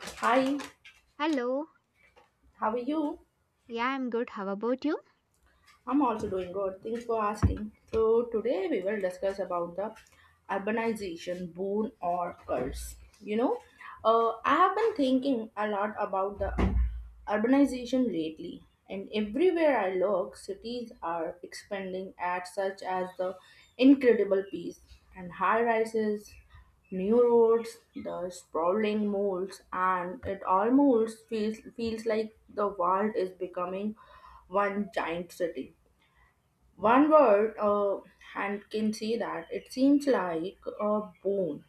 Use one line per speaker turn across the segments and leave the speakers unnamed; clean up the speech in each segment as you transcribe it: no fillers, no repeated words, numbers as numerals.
Hi,
Hello.
how are you?
Yeah, I'm good. How about you?
I'm also doing good. Thanks for asking. So today we will discuss about the urbanization boon or curse. You know, I have been thinking a lot about the urbanization lately, and everywhere I look, cities are expanding at such as the incredible pace, and high rises New roads, the sprawling malls, and it almost feels like the world is becoming one giant city. One word, uh, and can say that it seems like a bone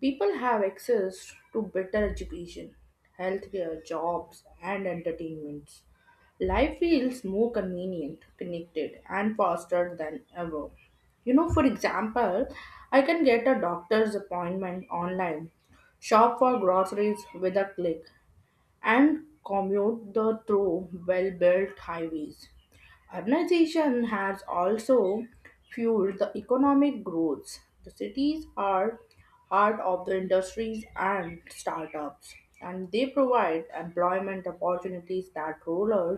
People have access to better education, healthcare, jobs, and entertainments. Life feels more convenient, connected, and faster than ever. You know, for example, I can get a doctor's appointment online, shop for groceries with a click, and commute the through well-built highways. Urbanization has also fueled the economic growth. The cities are heart of the industries and startups, and they provide employment opportunities that rural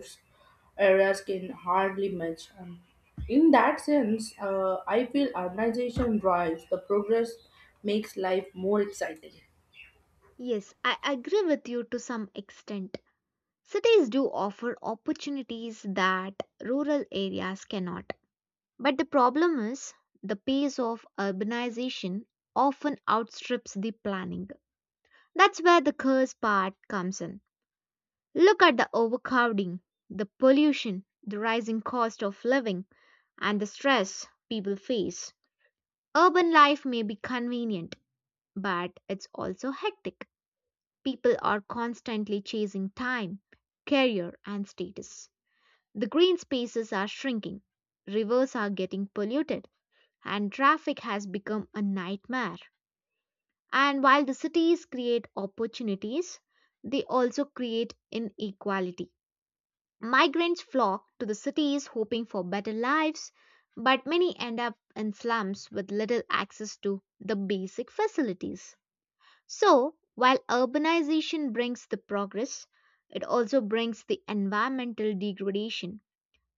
areas can hardly match. And in that sense, I feel urbanization drives the progress, makes life more exciting.
Yes, I agree with you to some extent. Cities do offer opportunities that rural areas cannot. But the problem is the pace of urbanization often outstrips the planning. That's where the curse part comes in. Look at the overcrowding, the pollution, the rising cost of living, and the stress people face. Urban life may be convenient, but it's also hectic. People are constantly chasing time, career, and status. The green spaces are shrinking, rivers are getting polluted, and traffic has become a nightmare. And while the cities create opportunities, they also create inequality. Migrants flock to the cities hoping for better lives, but many end up in slums with little access to the basic facilities. So, while urbanization brings the progress, it also brings the environmental degradation,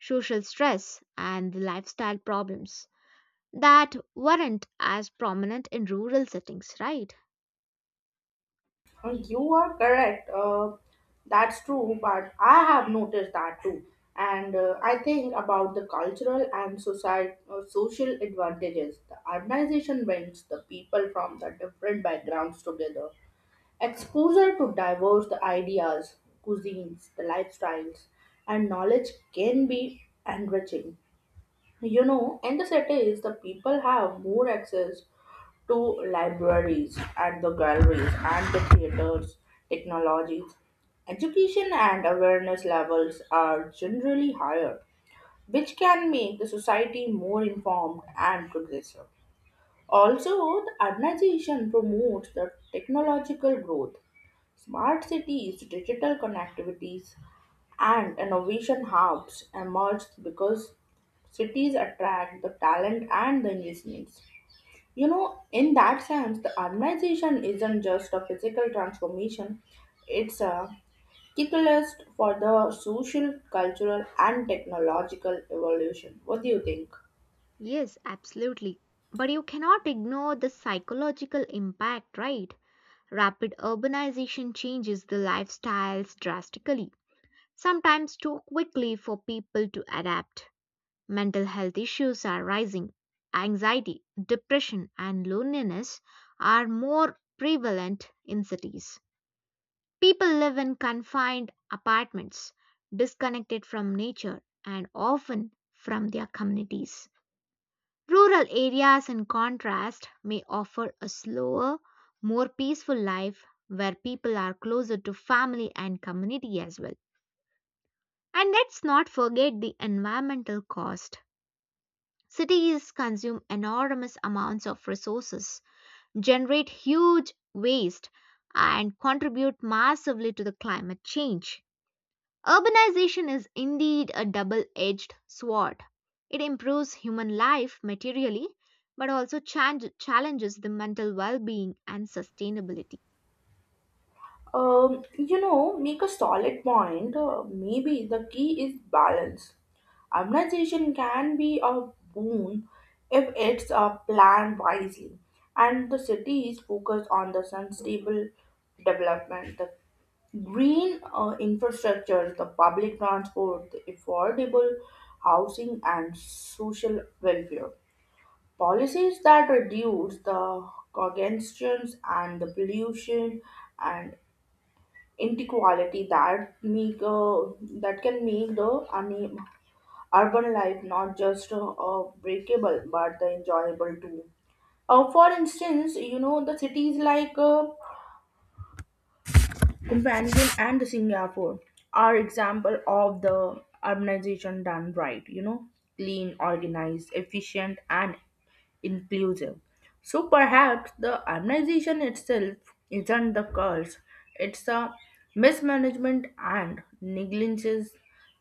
social stress, and the lifestyle problems that weren't as prominent in rural settings, right?
You are correct. That's true, but I have noticed that too. And I think about the cultural and society, social advantages. The urbanization brings the people from the different backgrounds together. Exposure to diverse ideas, cuisines, the lifestyles, and knowledge can be enriching. You know, in the cities, the people have more access to libraries and the galleries and the theaters, technologies. Education and awareness levels are generally higher, which can make the society more informed and progressive. Also, the urbanization promotes the technological growth. Smart cities, digital connectivities, and innovation hubs emerge because cities attract the talent and the investments. You know, in that sense, the organization isn't just a physical transformation, it's a catalyst for the social, cultural, and technological evolution. What do you think?
Yes, absolutely. But you cannot ignore the psychological impact, right? Rapid urbanization changes the lifestyles drastically, sometimes too quickly for people to adapt. Mental health issues are rising. Anxiety, depression, and loneliness are more prevalent in cities. People live in confined apartments, disconnected from nature and often from their communities. Rural areas, in contrast, may offer a slower, more peaceful life where people are closer to family and community as well. And let's not forget the environmental cost. Cities consume enormous amounts of resources, generate huge waste, and contribute massively to the climate change. Urbanization is indeed a double edged sword. It improves human life materially, but also challenges the mental well being and sustainability.
Make a solid point. Maybe the key is balance. Urbanization can be a boon if it's planned wisely, and the cities focus on the sustainable development, the green infrastructure, the public transport, the affordable housing, and social welfare. Policies that reduce the congestions and the pollution and inequality that make that can make the urban life not just breakable but the enjoyable too. For instance, you know the cities like Copenhagen and Singapore are example of the urbanization done right. You know, clean, organized, efficient, and inclusive. So perhaps the organization itself isn't the curse, it's a mismanagement and negligence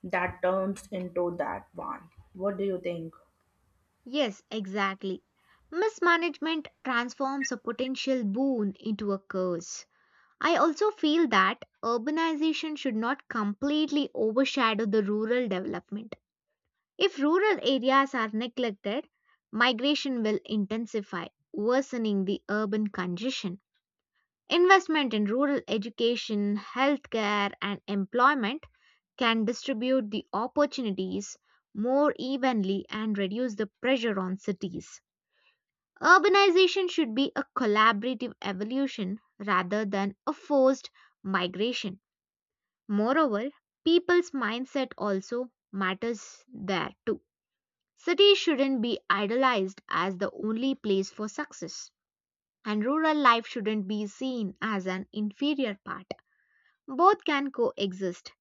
that turns into that one. What do you think?
Yes, exactly. Mismanagement transforms a potential boon into a curse. I also feel that urbanization should not completely overshadow the rural development. If rural areas are neglected, migration will intensify, worsening the urban congestion. Investment in rural education, healthcare, and employment can distribute the opportunities more evenly and reduce the pressure on cities. Urbanization should be a collaborative evolution rather than a forced migration. Moreover, people's mindset also matters there too. Cities shouldn't be idolized as the only place for success, and rural life shouldn't be seen as an inferior part. Both can coexist,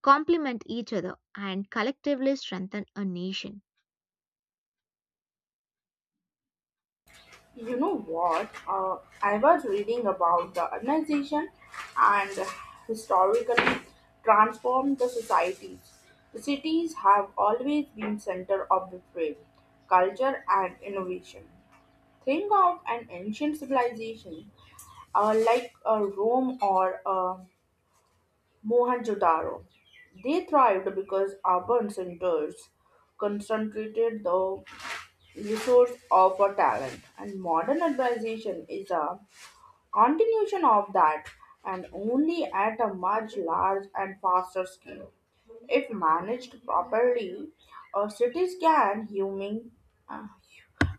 complement each other, and collectively strengthen a nation.
You know what? I was reading about the urbanization and historically transformed the societies. The cities have always been center of the trade, culture, and innovation. Think of an ancient civilization like Rome or Mohenjo-daro. They thrived because urban centers concentrated the resource of a talent and modern urbanization is a continuation of that and only at a much large and faster scale if managed properly cities can human uh,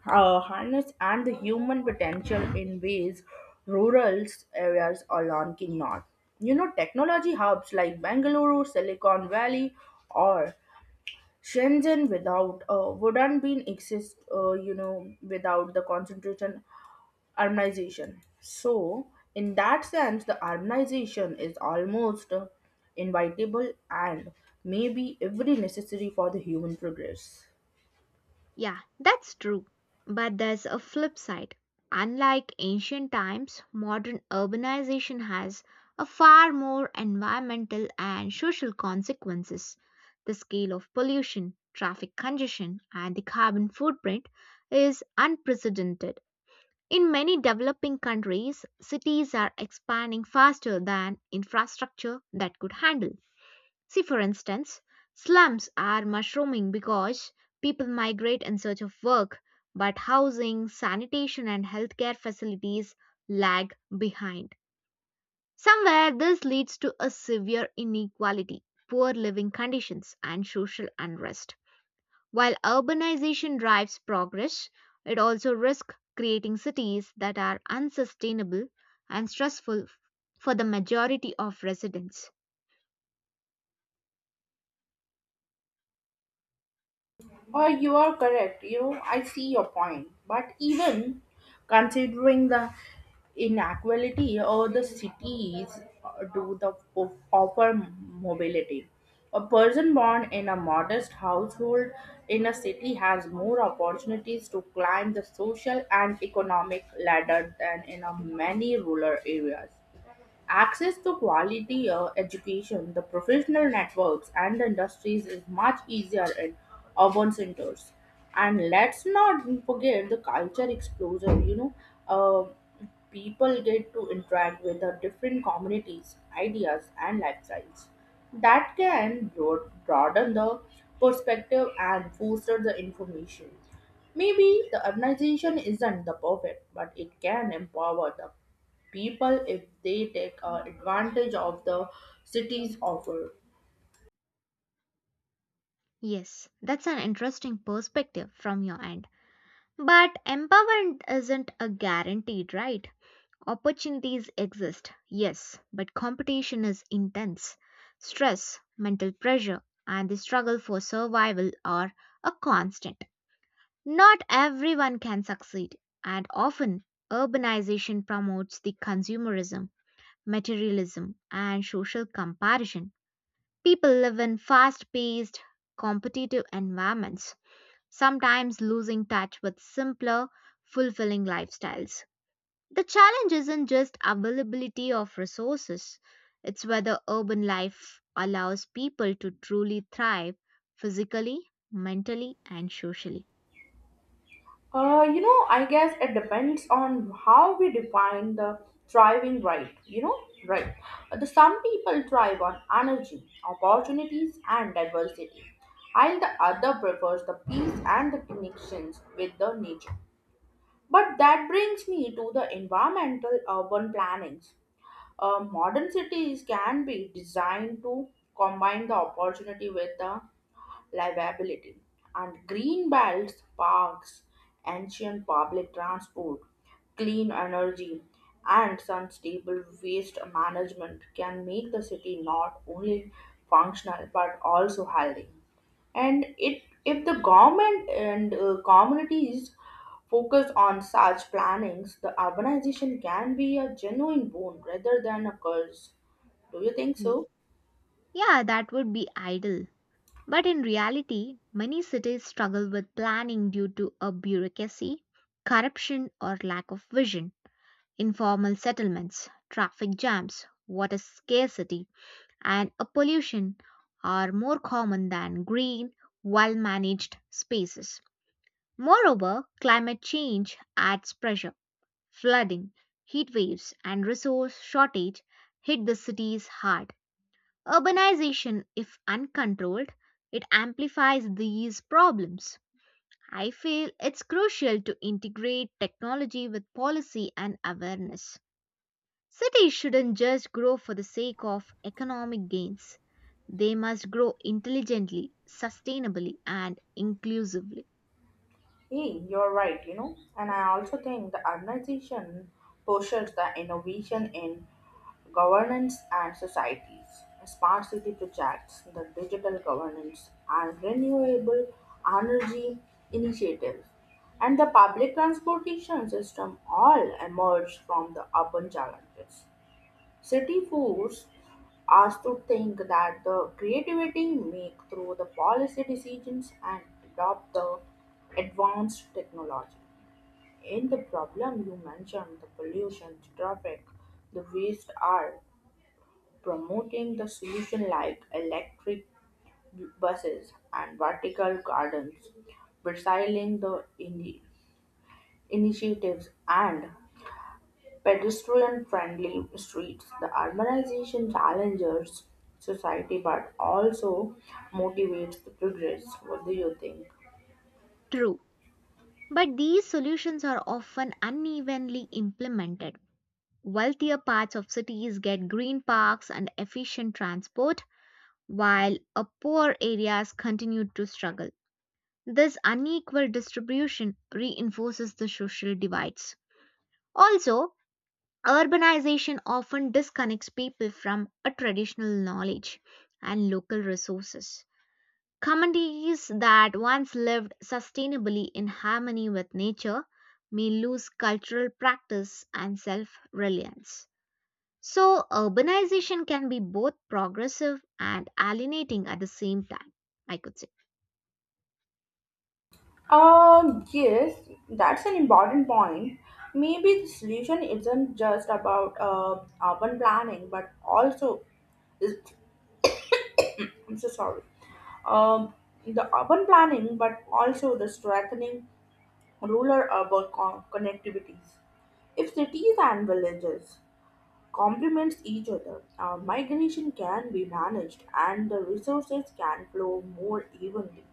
harness and the human potential in ways rural areas alone cannot. You know, technology hubs like Bangalore, Silicon Valley, or Shenzhen without wouldn't been exist, you know, without the concentration harmonization. So, in that sense, the harmonization is almost inevitable and may be every necessary for the human progress.
Yeah, that's true. But there's a flip side. Unlike ancient times, modern urbanization has a far more environmental and social consequences. The scale of pollution, traffic congestion, and the carbon footprint is unprecedented. In many developing countries, cities are expanding faster than infrastructure that could handle. See, for instance, slums are mushrooming because people migrate in search of work, but housing, sanitation, and healthcare facilities lag behind. Somewhere, this leads to a severe inequality, poor living conditions, and social unrest. While urbanization drives progress, it also risks creating cities that are unsustainable and stressful for the majority of residents.
Oh, you are correct. You know, I see your point. But even considering the inequality, or the cities do the offer mobility. A person born in a modest household in a city has more opportunities to climb the social and economic ladder than in a many rural areas. Access to quality education, the professional networks, and the industries is much easier in urban centers. And let's not forget the culture explosion, you know. Uh, People get to interact with the different communities, ideas, and lifestyles. That can broaden the perspective and foster the information. Maybe the organization isn't the perfect, but it can empower them people if they take advantage of the city's offer.
Yes, that's an interesting perspective from your end. But empowerment isn't a guaranteed, right? Opportunities exist, yes, but competition is intense. Stress, mental pressure, and the struggle for survival are a constant. Not everyone can succeed, and often urbanization promotes the consumerism, materialism, and social comparison. People live in fast paced, competitive environments sometimes losing touch with simpler, fulfilling lifestyles. The challenge isn't just availability of resources, it's whether urban life allows people to truly thrive physically, mentally, and socially.
I guess it depends on how we define the thriving right. You know, right. The some people thrive on energy, opportunities, and diversity, while the other prefers the peace and the connections with the nature. But that brings me to the environmental urban plannings. Modern cities can be designed to combine the opportunity with the livability. And green belts, parks, ancient public transport, clean energy, and sustainable waste management can make the city not only functional but also healthy. And it, if the government and communities focus on such plannings, the urbanization can be a genuine boon rather than a curse. Do you think
Y-
so?
Yeah, that would be ideal. But in reality, many cities struggle with planning due to a bureaucracy, corruption, or lack of vision, informal settlements, traffic jams, water scarcity, and a pollution are more common than green, well managed spaces. Moreover, climate change adds pressure. Flooding, heat waves, and resource shortage hit the cities hard. Urbanization, if uncontrolled, it amplifies these problems. I feel it's crucial to integrate technology with policy and awareness. Cities shouldn't just grow for the sake of economic gains. They must grow intelligently, sustainably, and inclusively.
Hey, you're right, you know. And I also think the organization pushes the innovation in governance and societies, smart city projects, the digital governance, and renewable energy initiatives. And the public transportation system all emerge from the urban challenges. City force us to think that the creativity make through the policy decisions and adopt the advanced technology. In the problem you mentioned, the pollution, the traffic, the waste are promoting the solution like electric buses and vertical gardens, recycling the initiatives and pedestrian-friendly streets. The urbanization challenges society but also motivates the progress. What do you think?
True, but these solutions are often unevenly implemented. Wealthier parts of cities get green parks and efficient transport, while poor areas continue to struggle. This unequal distribution reinforces the social divides. Also, urbanization often disconnects people from a traditional knowledge and local resources. Communities that once lived sustainably in harmony with nature may lose cultural practice and self reliance. So, urbanization can be both progressive and alienating at the same time, I could say.
Yes, that's an important point. Maybe the solution isn't just about urban planning, but also is I'm so sorry. Um, the urban planning, but also the strengthening rural urban connectivities. If cities and villages complements each other. Migration can be managed and the resources can flow more evenly.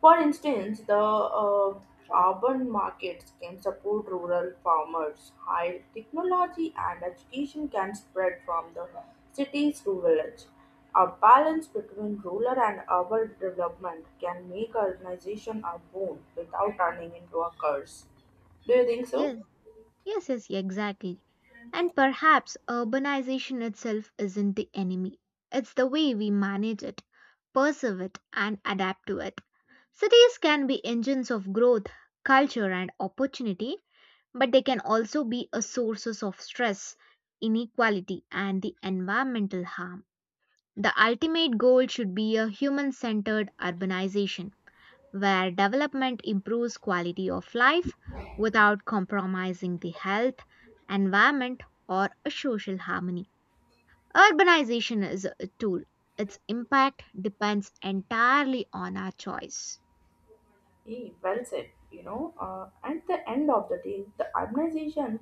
For instance, the urban markets can support rural farmers. High technology and education can spread from the cities to village. A balance between rural and urban development can make organization a boon without turning into a curse. Do you think so?
Yes. Yes, yes, exactly. And perhaps urbanization itself isn't the enemy. It's the way we manage it, perceive it, and adapt to it. Cities can be engines of growth, culture, and opportunity, but they can also be a sources of stress, inequality, and the environmental harm. The ultimate goal should be a human centered urbanization where development improves quality of life without compromising the health, environment, or a social harmony. Urbanization is a tool. Its impact depends entirely on our choice.
Yeah, well said. At the end of the day, the urbanization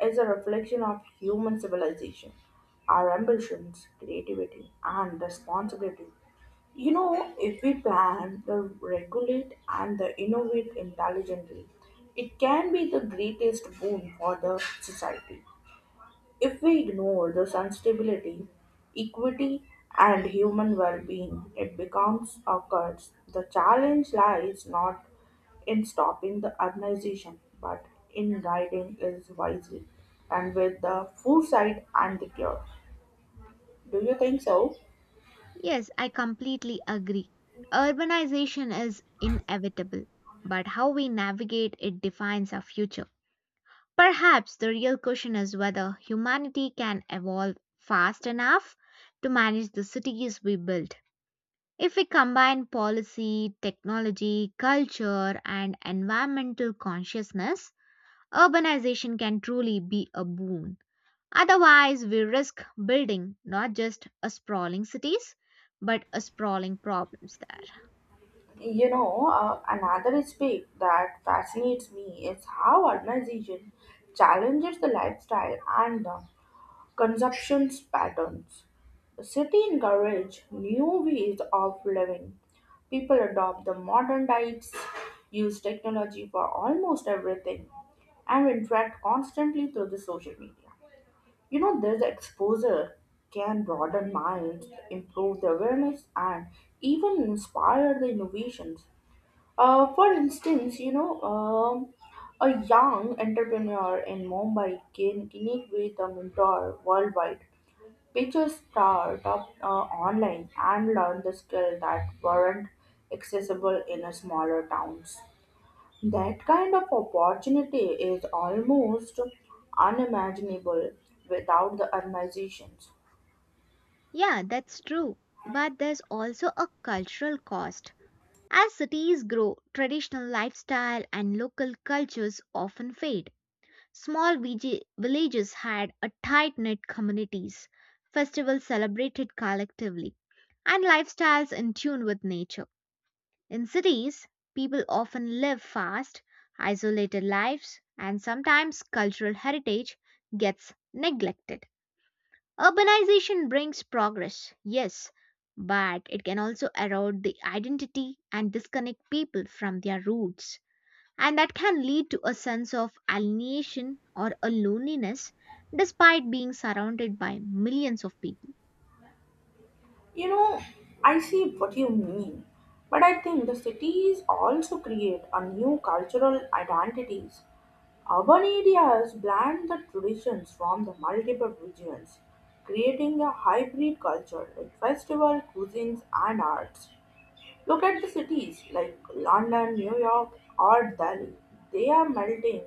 is a reflection of human civilization, our ambitions, creativity, and responsibility. You know, if we plan, the regulate, and the innovate intelligently, it can be the greatest boon for the society. If we ignore the sensibility, equity, and human well being, it becomes a curse. The challenge lies not in stopping the urbanization, but in guiding it wisely and with the foresight and the cure. Do you think so?
Yes, I completely agree. Urbanization is inevitable, but how we navigate it defines our future. Perhaps the real question is whether humanity can evolve fast enough to manage the cities we build. If we combine policy, technology, culture, and environmental consciousness, urbanization can truly be a boon. Otherwise, we risk building not just a sprawling cities, but a sprawling problems there.
Another aspect that fascinates me is how urbanization challenges the lifestyle and the Consumption patterns. The city encourages new ways of living. People adopt the modern diets, use technology for almost everything, and interact constantly through the social media. You know, this exposure can broaden minds, improve the awareness, and even inspire the innovations. For instance, a young entrepreneur in Mumbai can connect with a mentor worldwide we just start up online and learn the skill that weren't accessible in a smaller towns. That kind of opportunity is almost unimaginable without the urbanizations.
Yeah, that's true. But there's also a cultural cost. As cities grow, traditional lifestyle and local cultures often fade. Small villages had a tight knit communities, festivals celebrated collectively, and lifestyles in tune with nature. In cities, people often live fast, isolated lives, and sometimes cultural heritage gets neglected. Urbanization brings progress, yes, but it can also erode the identity and disconnect people from their roots, and that can lead to a sense of alienation or a loneliness despite being surrounded by millions of people.
You know, I see what you mean, but I think the cities also create a new cultural identities Urban areas blend the traditions from the multiple regions, creating a hybrid culture like festival, cuisines, and arts. Look at the cities like London, New York, or Delhi. They are melting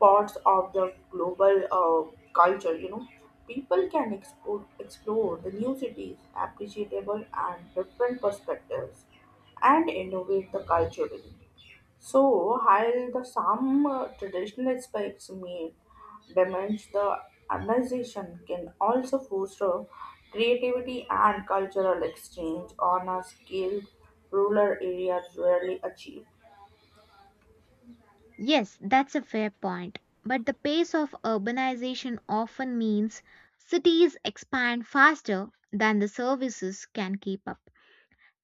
pots of the global culture, you know. People can explore the new cities, appreciable and different perspectives, and innovate the culturally. So, while the some traditional aspects may damage the organization, can also foster creativity and cultural exchange on a scale rural areas rarely achieve.
Yes, that's a fair point. But the pace of urbanization often means cities expand faster than the services can keep up.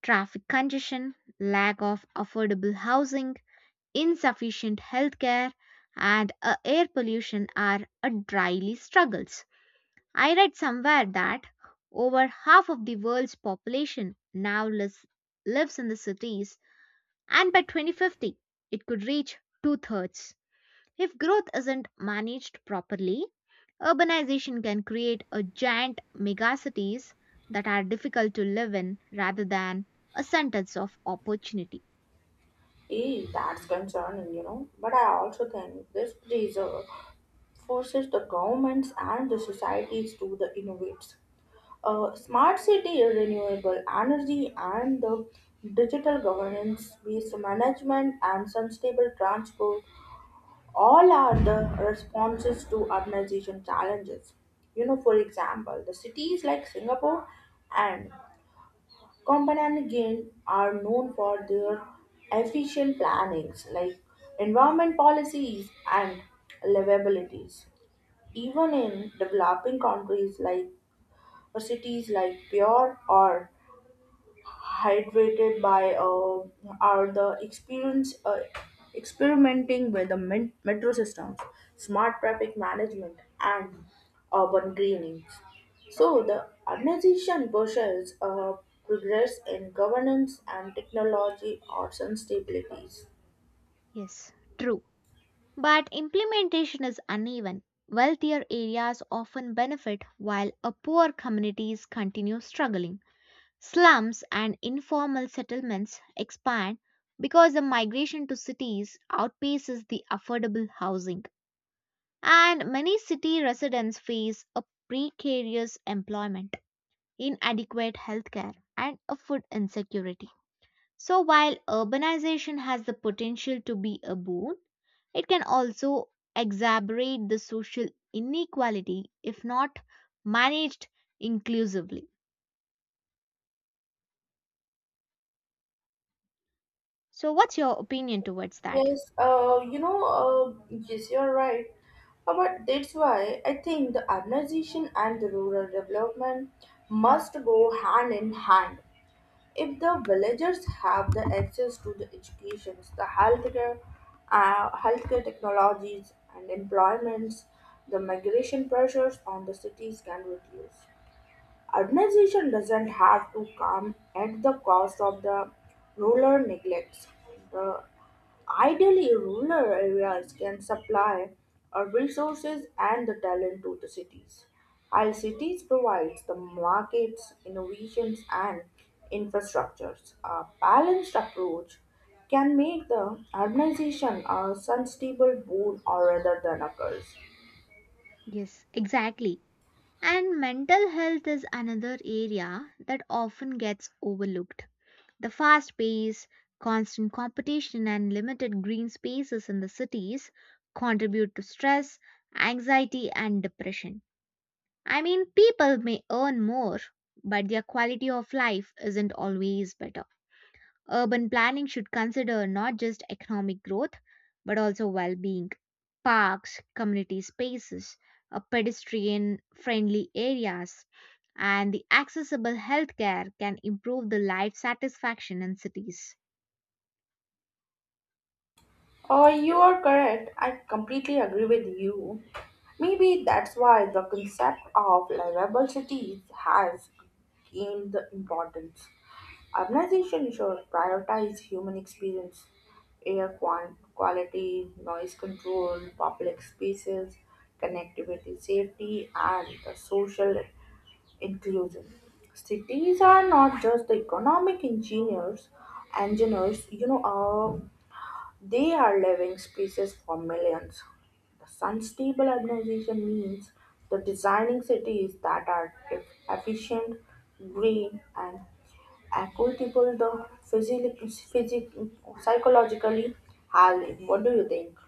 Traffic congestion, lack of affordable housing, insufficient healthcare, and air pollution are dryly struggles. I read somewhere that over half of the world's population now lives in the cities, and by 2050, it could reach two thirds. If growth isn't managed properly, urbanization can create a giant megacities that are difficult to live in rather than a sentence of opportunity.
Eh, that's concerning, you know. But I also think this preserve forces the governments and the societies to the innovate. Smart city, renewable energy, and the digital governance, waste management, and sustainable transport all are the responses to urbanization challenges. You know, for example, the cities like Singapore and Copenhagen are known for their efficient plannings like environment policies and livabilities. Even in developing countries like or cities like Pure or hydrated by are the experience experimenting with the metro systems, smart traffic management, and urban greening. So the organization pushes progress in governance and technology or sustainability.
Yes, true. But implementation is uneven. Wealthier areas often benefit while a poor communities continue struggling. Slums and informal settlements expand because the migration to cities outpaces the affordable housing, and many city residents face a precarious employment, inadequate healthcare, and a food insecurity. So, while urbanization has the potential to be a boon, it can also exacerbate the social inequality if not managed inclusively. So, what's your opinion towards that?
Yes, yes, you're right. But that's why I think the urbanization and the rural development must go hand in hand. If the villagers have the access to the educations, the healthcare, healthcare technologies and employments, the migration pressures on the cities can reduce. Urbanization doesn't have to come at the cost of the rural neglects. The ideally rural areas can supply resources and the talent to the cities, while cities provide the markets, innovations, and infrastructures. A balanced approach can make the urbanization a sustainable boon or rather than a curse.
Yes, exactly. And mental health is another area that often gets overlooked. The fast pace, constant competition, and limited green spaces in the cities contribute to stress, anxiety, and depression. I mean, people may earn more, but their quality of life isn't always better. Urban planning should consider not just economic growth but also well being. Parks, community spaces, pedestrian friendly areas, and the accessible healthcare can improve the life satisfaction in cities.
You are correct. I completely agree with you. Maybe that's why the concept of livable cities has gained the importance. Urbanization should prioritize human experience, air quality, noise control, public spaces, connectivity, safety, and the social inclusion. Cities are not just the economic engineers, they are living species for millions. The sustainable urbanization means the designing cities that are efficient, green, and equitable, the physic- psychologically healthy. What do you think?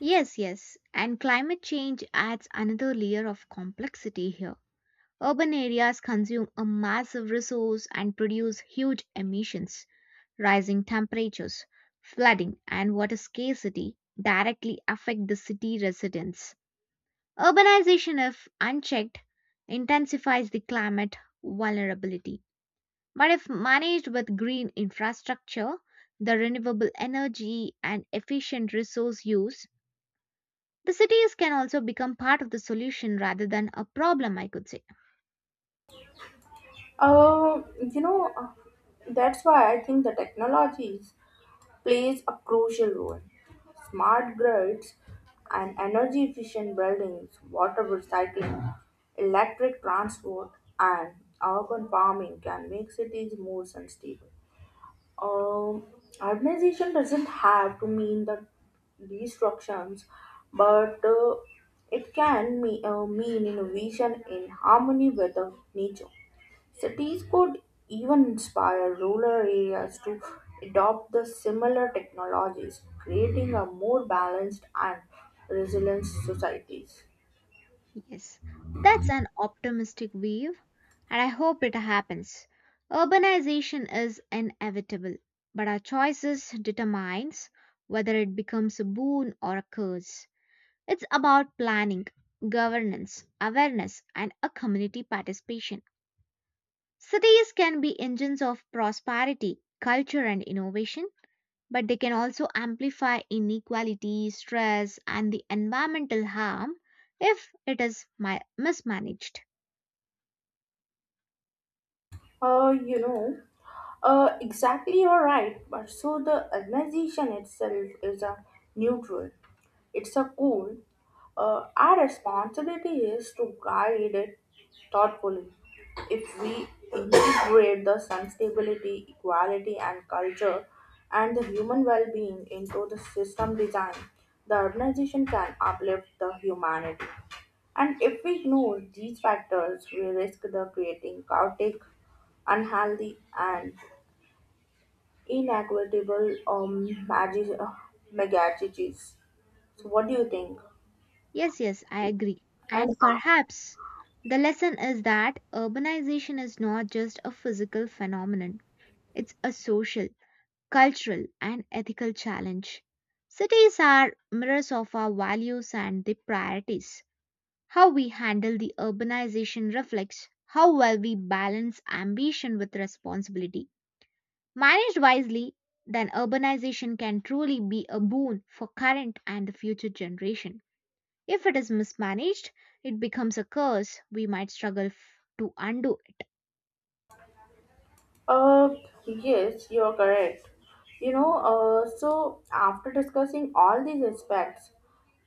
Yes, yes, and climate change adds another layer of complexity here. Urban areas consume a massive resource and produce huge emissions. Rising temperatures, flooding, and water scarcity directly affect the city residents. Urbanization, if unchecked, intensifies the climate vulnerability. But if managed with green infrastructure, the renewable energy, and efficient resource use, the cities can also become part of the solution rather than a problem, I could say.
Uh, you know, uh, that's why I think the technologies plays a crucial role. Smart grids and energy efficient buildings, water recycling, electric transport, and urban farming can make cities more sustainable. Um, Urbanization doesn't have to mean the destructions, but it can mean innovation in harmony with the nature. Cities could even inspire rural areas to adopt the similar technologies, creating a more balanced and resilient societies.
Yes, that's an optimistic view, and I hope it happens. Urbanization is inevitable, but our choices determines whether it becomes a boon or a curse. It's about planning, governance, awareness, and a community participation. Cities can be engines of prosperity, culture, and innovation, but they can also amplify inequality, stress, and the environmental harm if it is mismanaged.
Uh, you know, exactly, you're right. But so the organization itself is a neutral. It's a goal. Our responsibility is to guide it thoughtfully. If we integrate the sustainability, equality, and culture, and the human well-being into the system design, the organization can uplift the humanity. And if we ignore these factors, we risk the creating chaotic, unhealthy, and inequitable megacities. So, what do you think?
Yes, yes, I agree.
And
And perhaps the lesson is that urbanization is not just a physical phenomenon, it's a social, cultural, and ethical challenge. Cities are mirrors of our values and the priorities. How we handle the urbanization reflects how well we balance ambition with responsibility. Managed wisely, then urbanization can truly be a boon for current and the future generation. If it is mismanaged, it becomes a curse we might struggle to undo it.
Uh, yes, you're correct. So after discussing all these aspects,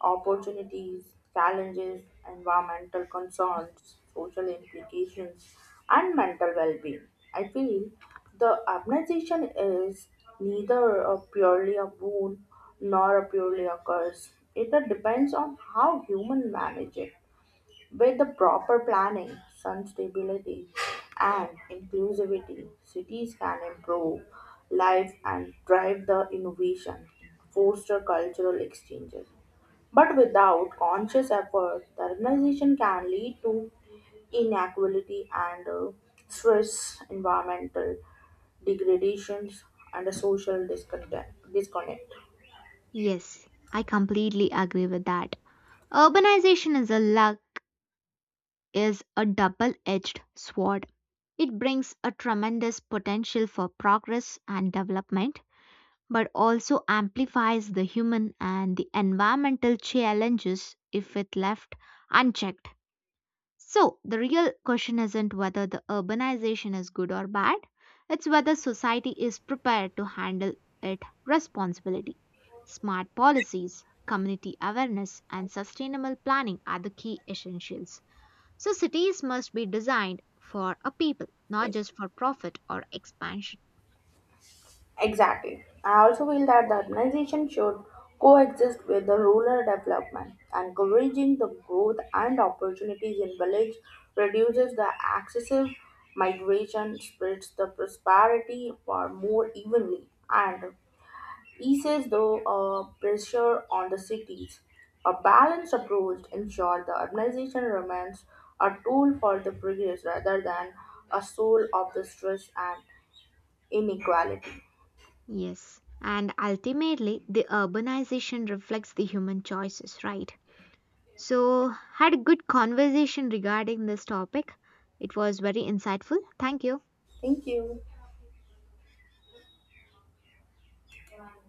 opportunities, challenges, environmental concerns, social implications, and mental well being, I feel the urbanization is neither a purely a boon nor a purely a curse. It depends on how human manage it with the proper planning, sun stability, and inclusivity, cities can improve life and drive the innovation, foster cultural exchanges. But without conscious effort, the urbanization can lead to inequality and stress, environmental degradations, and a social discontent. Disconnect.
Yes, I completely agree with that. Urbanization is a double-edged sword. It brings a tremendous potential for progress and development, but also amplifies the human and the environmental challenges if it left unchecked. So, the real question isn't whether the urbanization is good or bad, it's whether society is prepared to handle it responsibility. Smart policies, community awareness, and sustainable planning are the key essentials. So, cities must be designed for a people, not just for profit or expansion.
Exactly. I also feel that the urbanization should coexist with the rural development. Encouraging the growth and opportunities in village reduces the excessive migration, spreads the prosperity far more evenly, and eases the pressure on the cities. A balanced approach ensures the urbanization remains a tool for the progress rather than a soul of the stress and inequality.
Yes. And ultimately, the urbanization reflects the human choices, right? So, had a good conversation regarding this topic. It was very insightful. Thank you.
Thank you.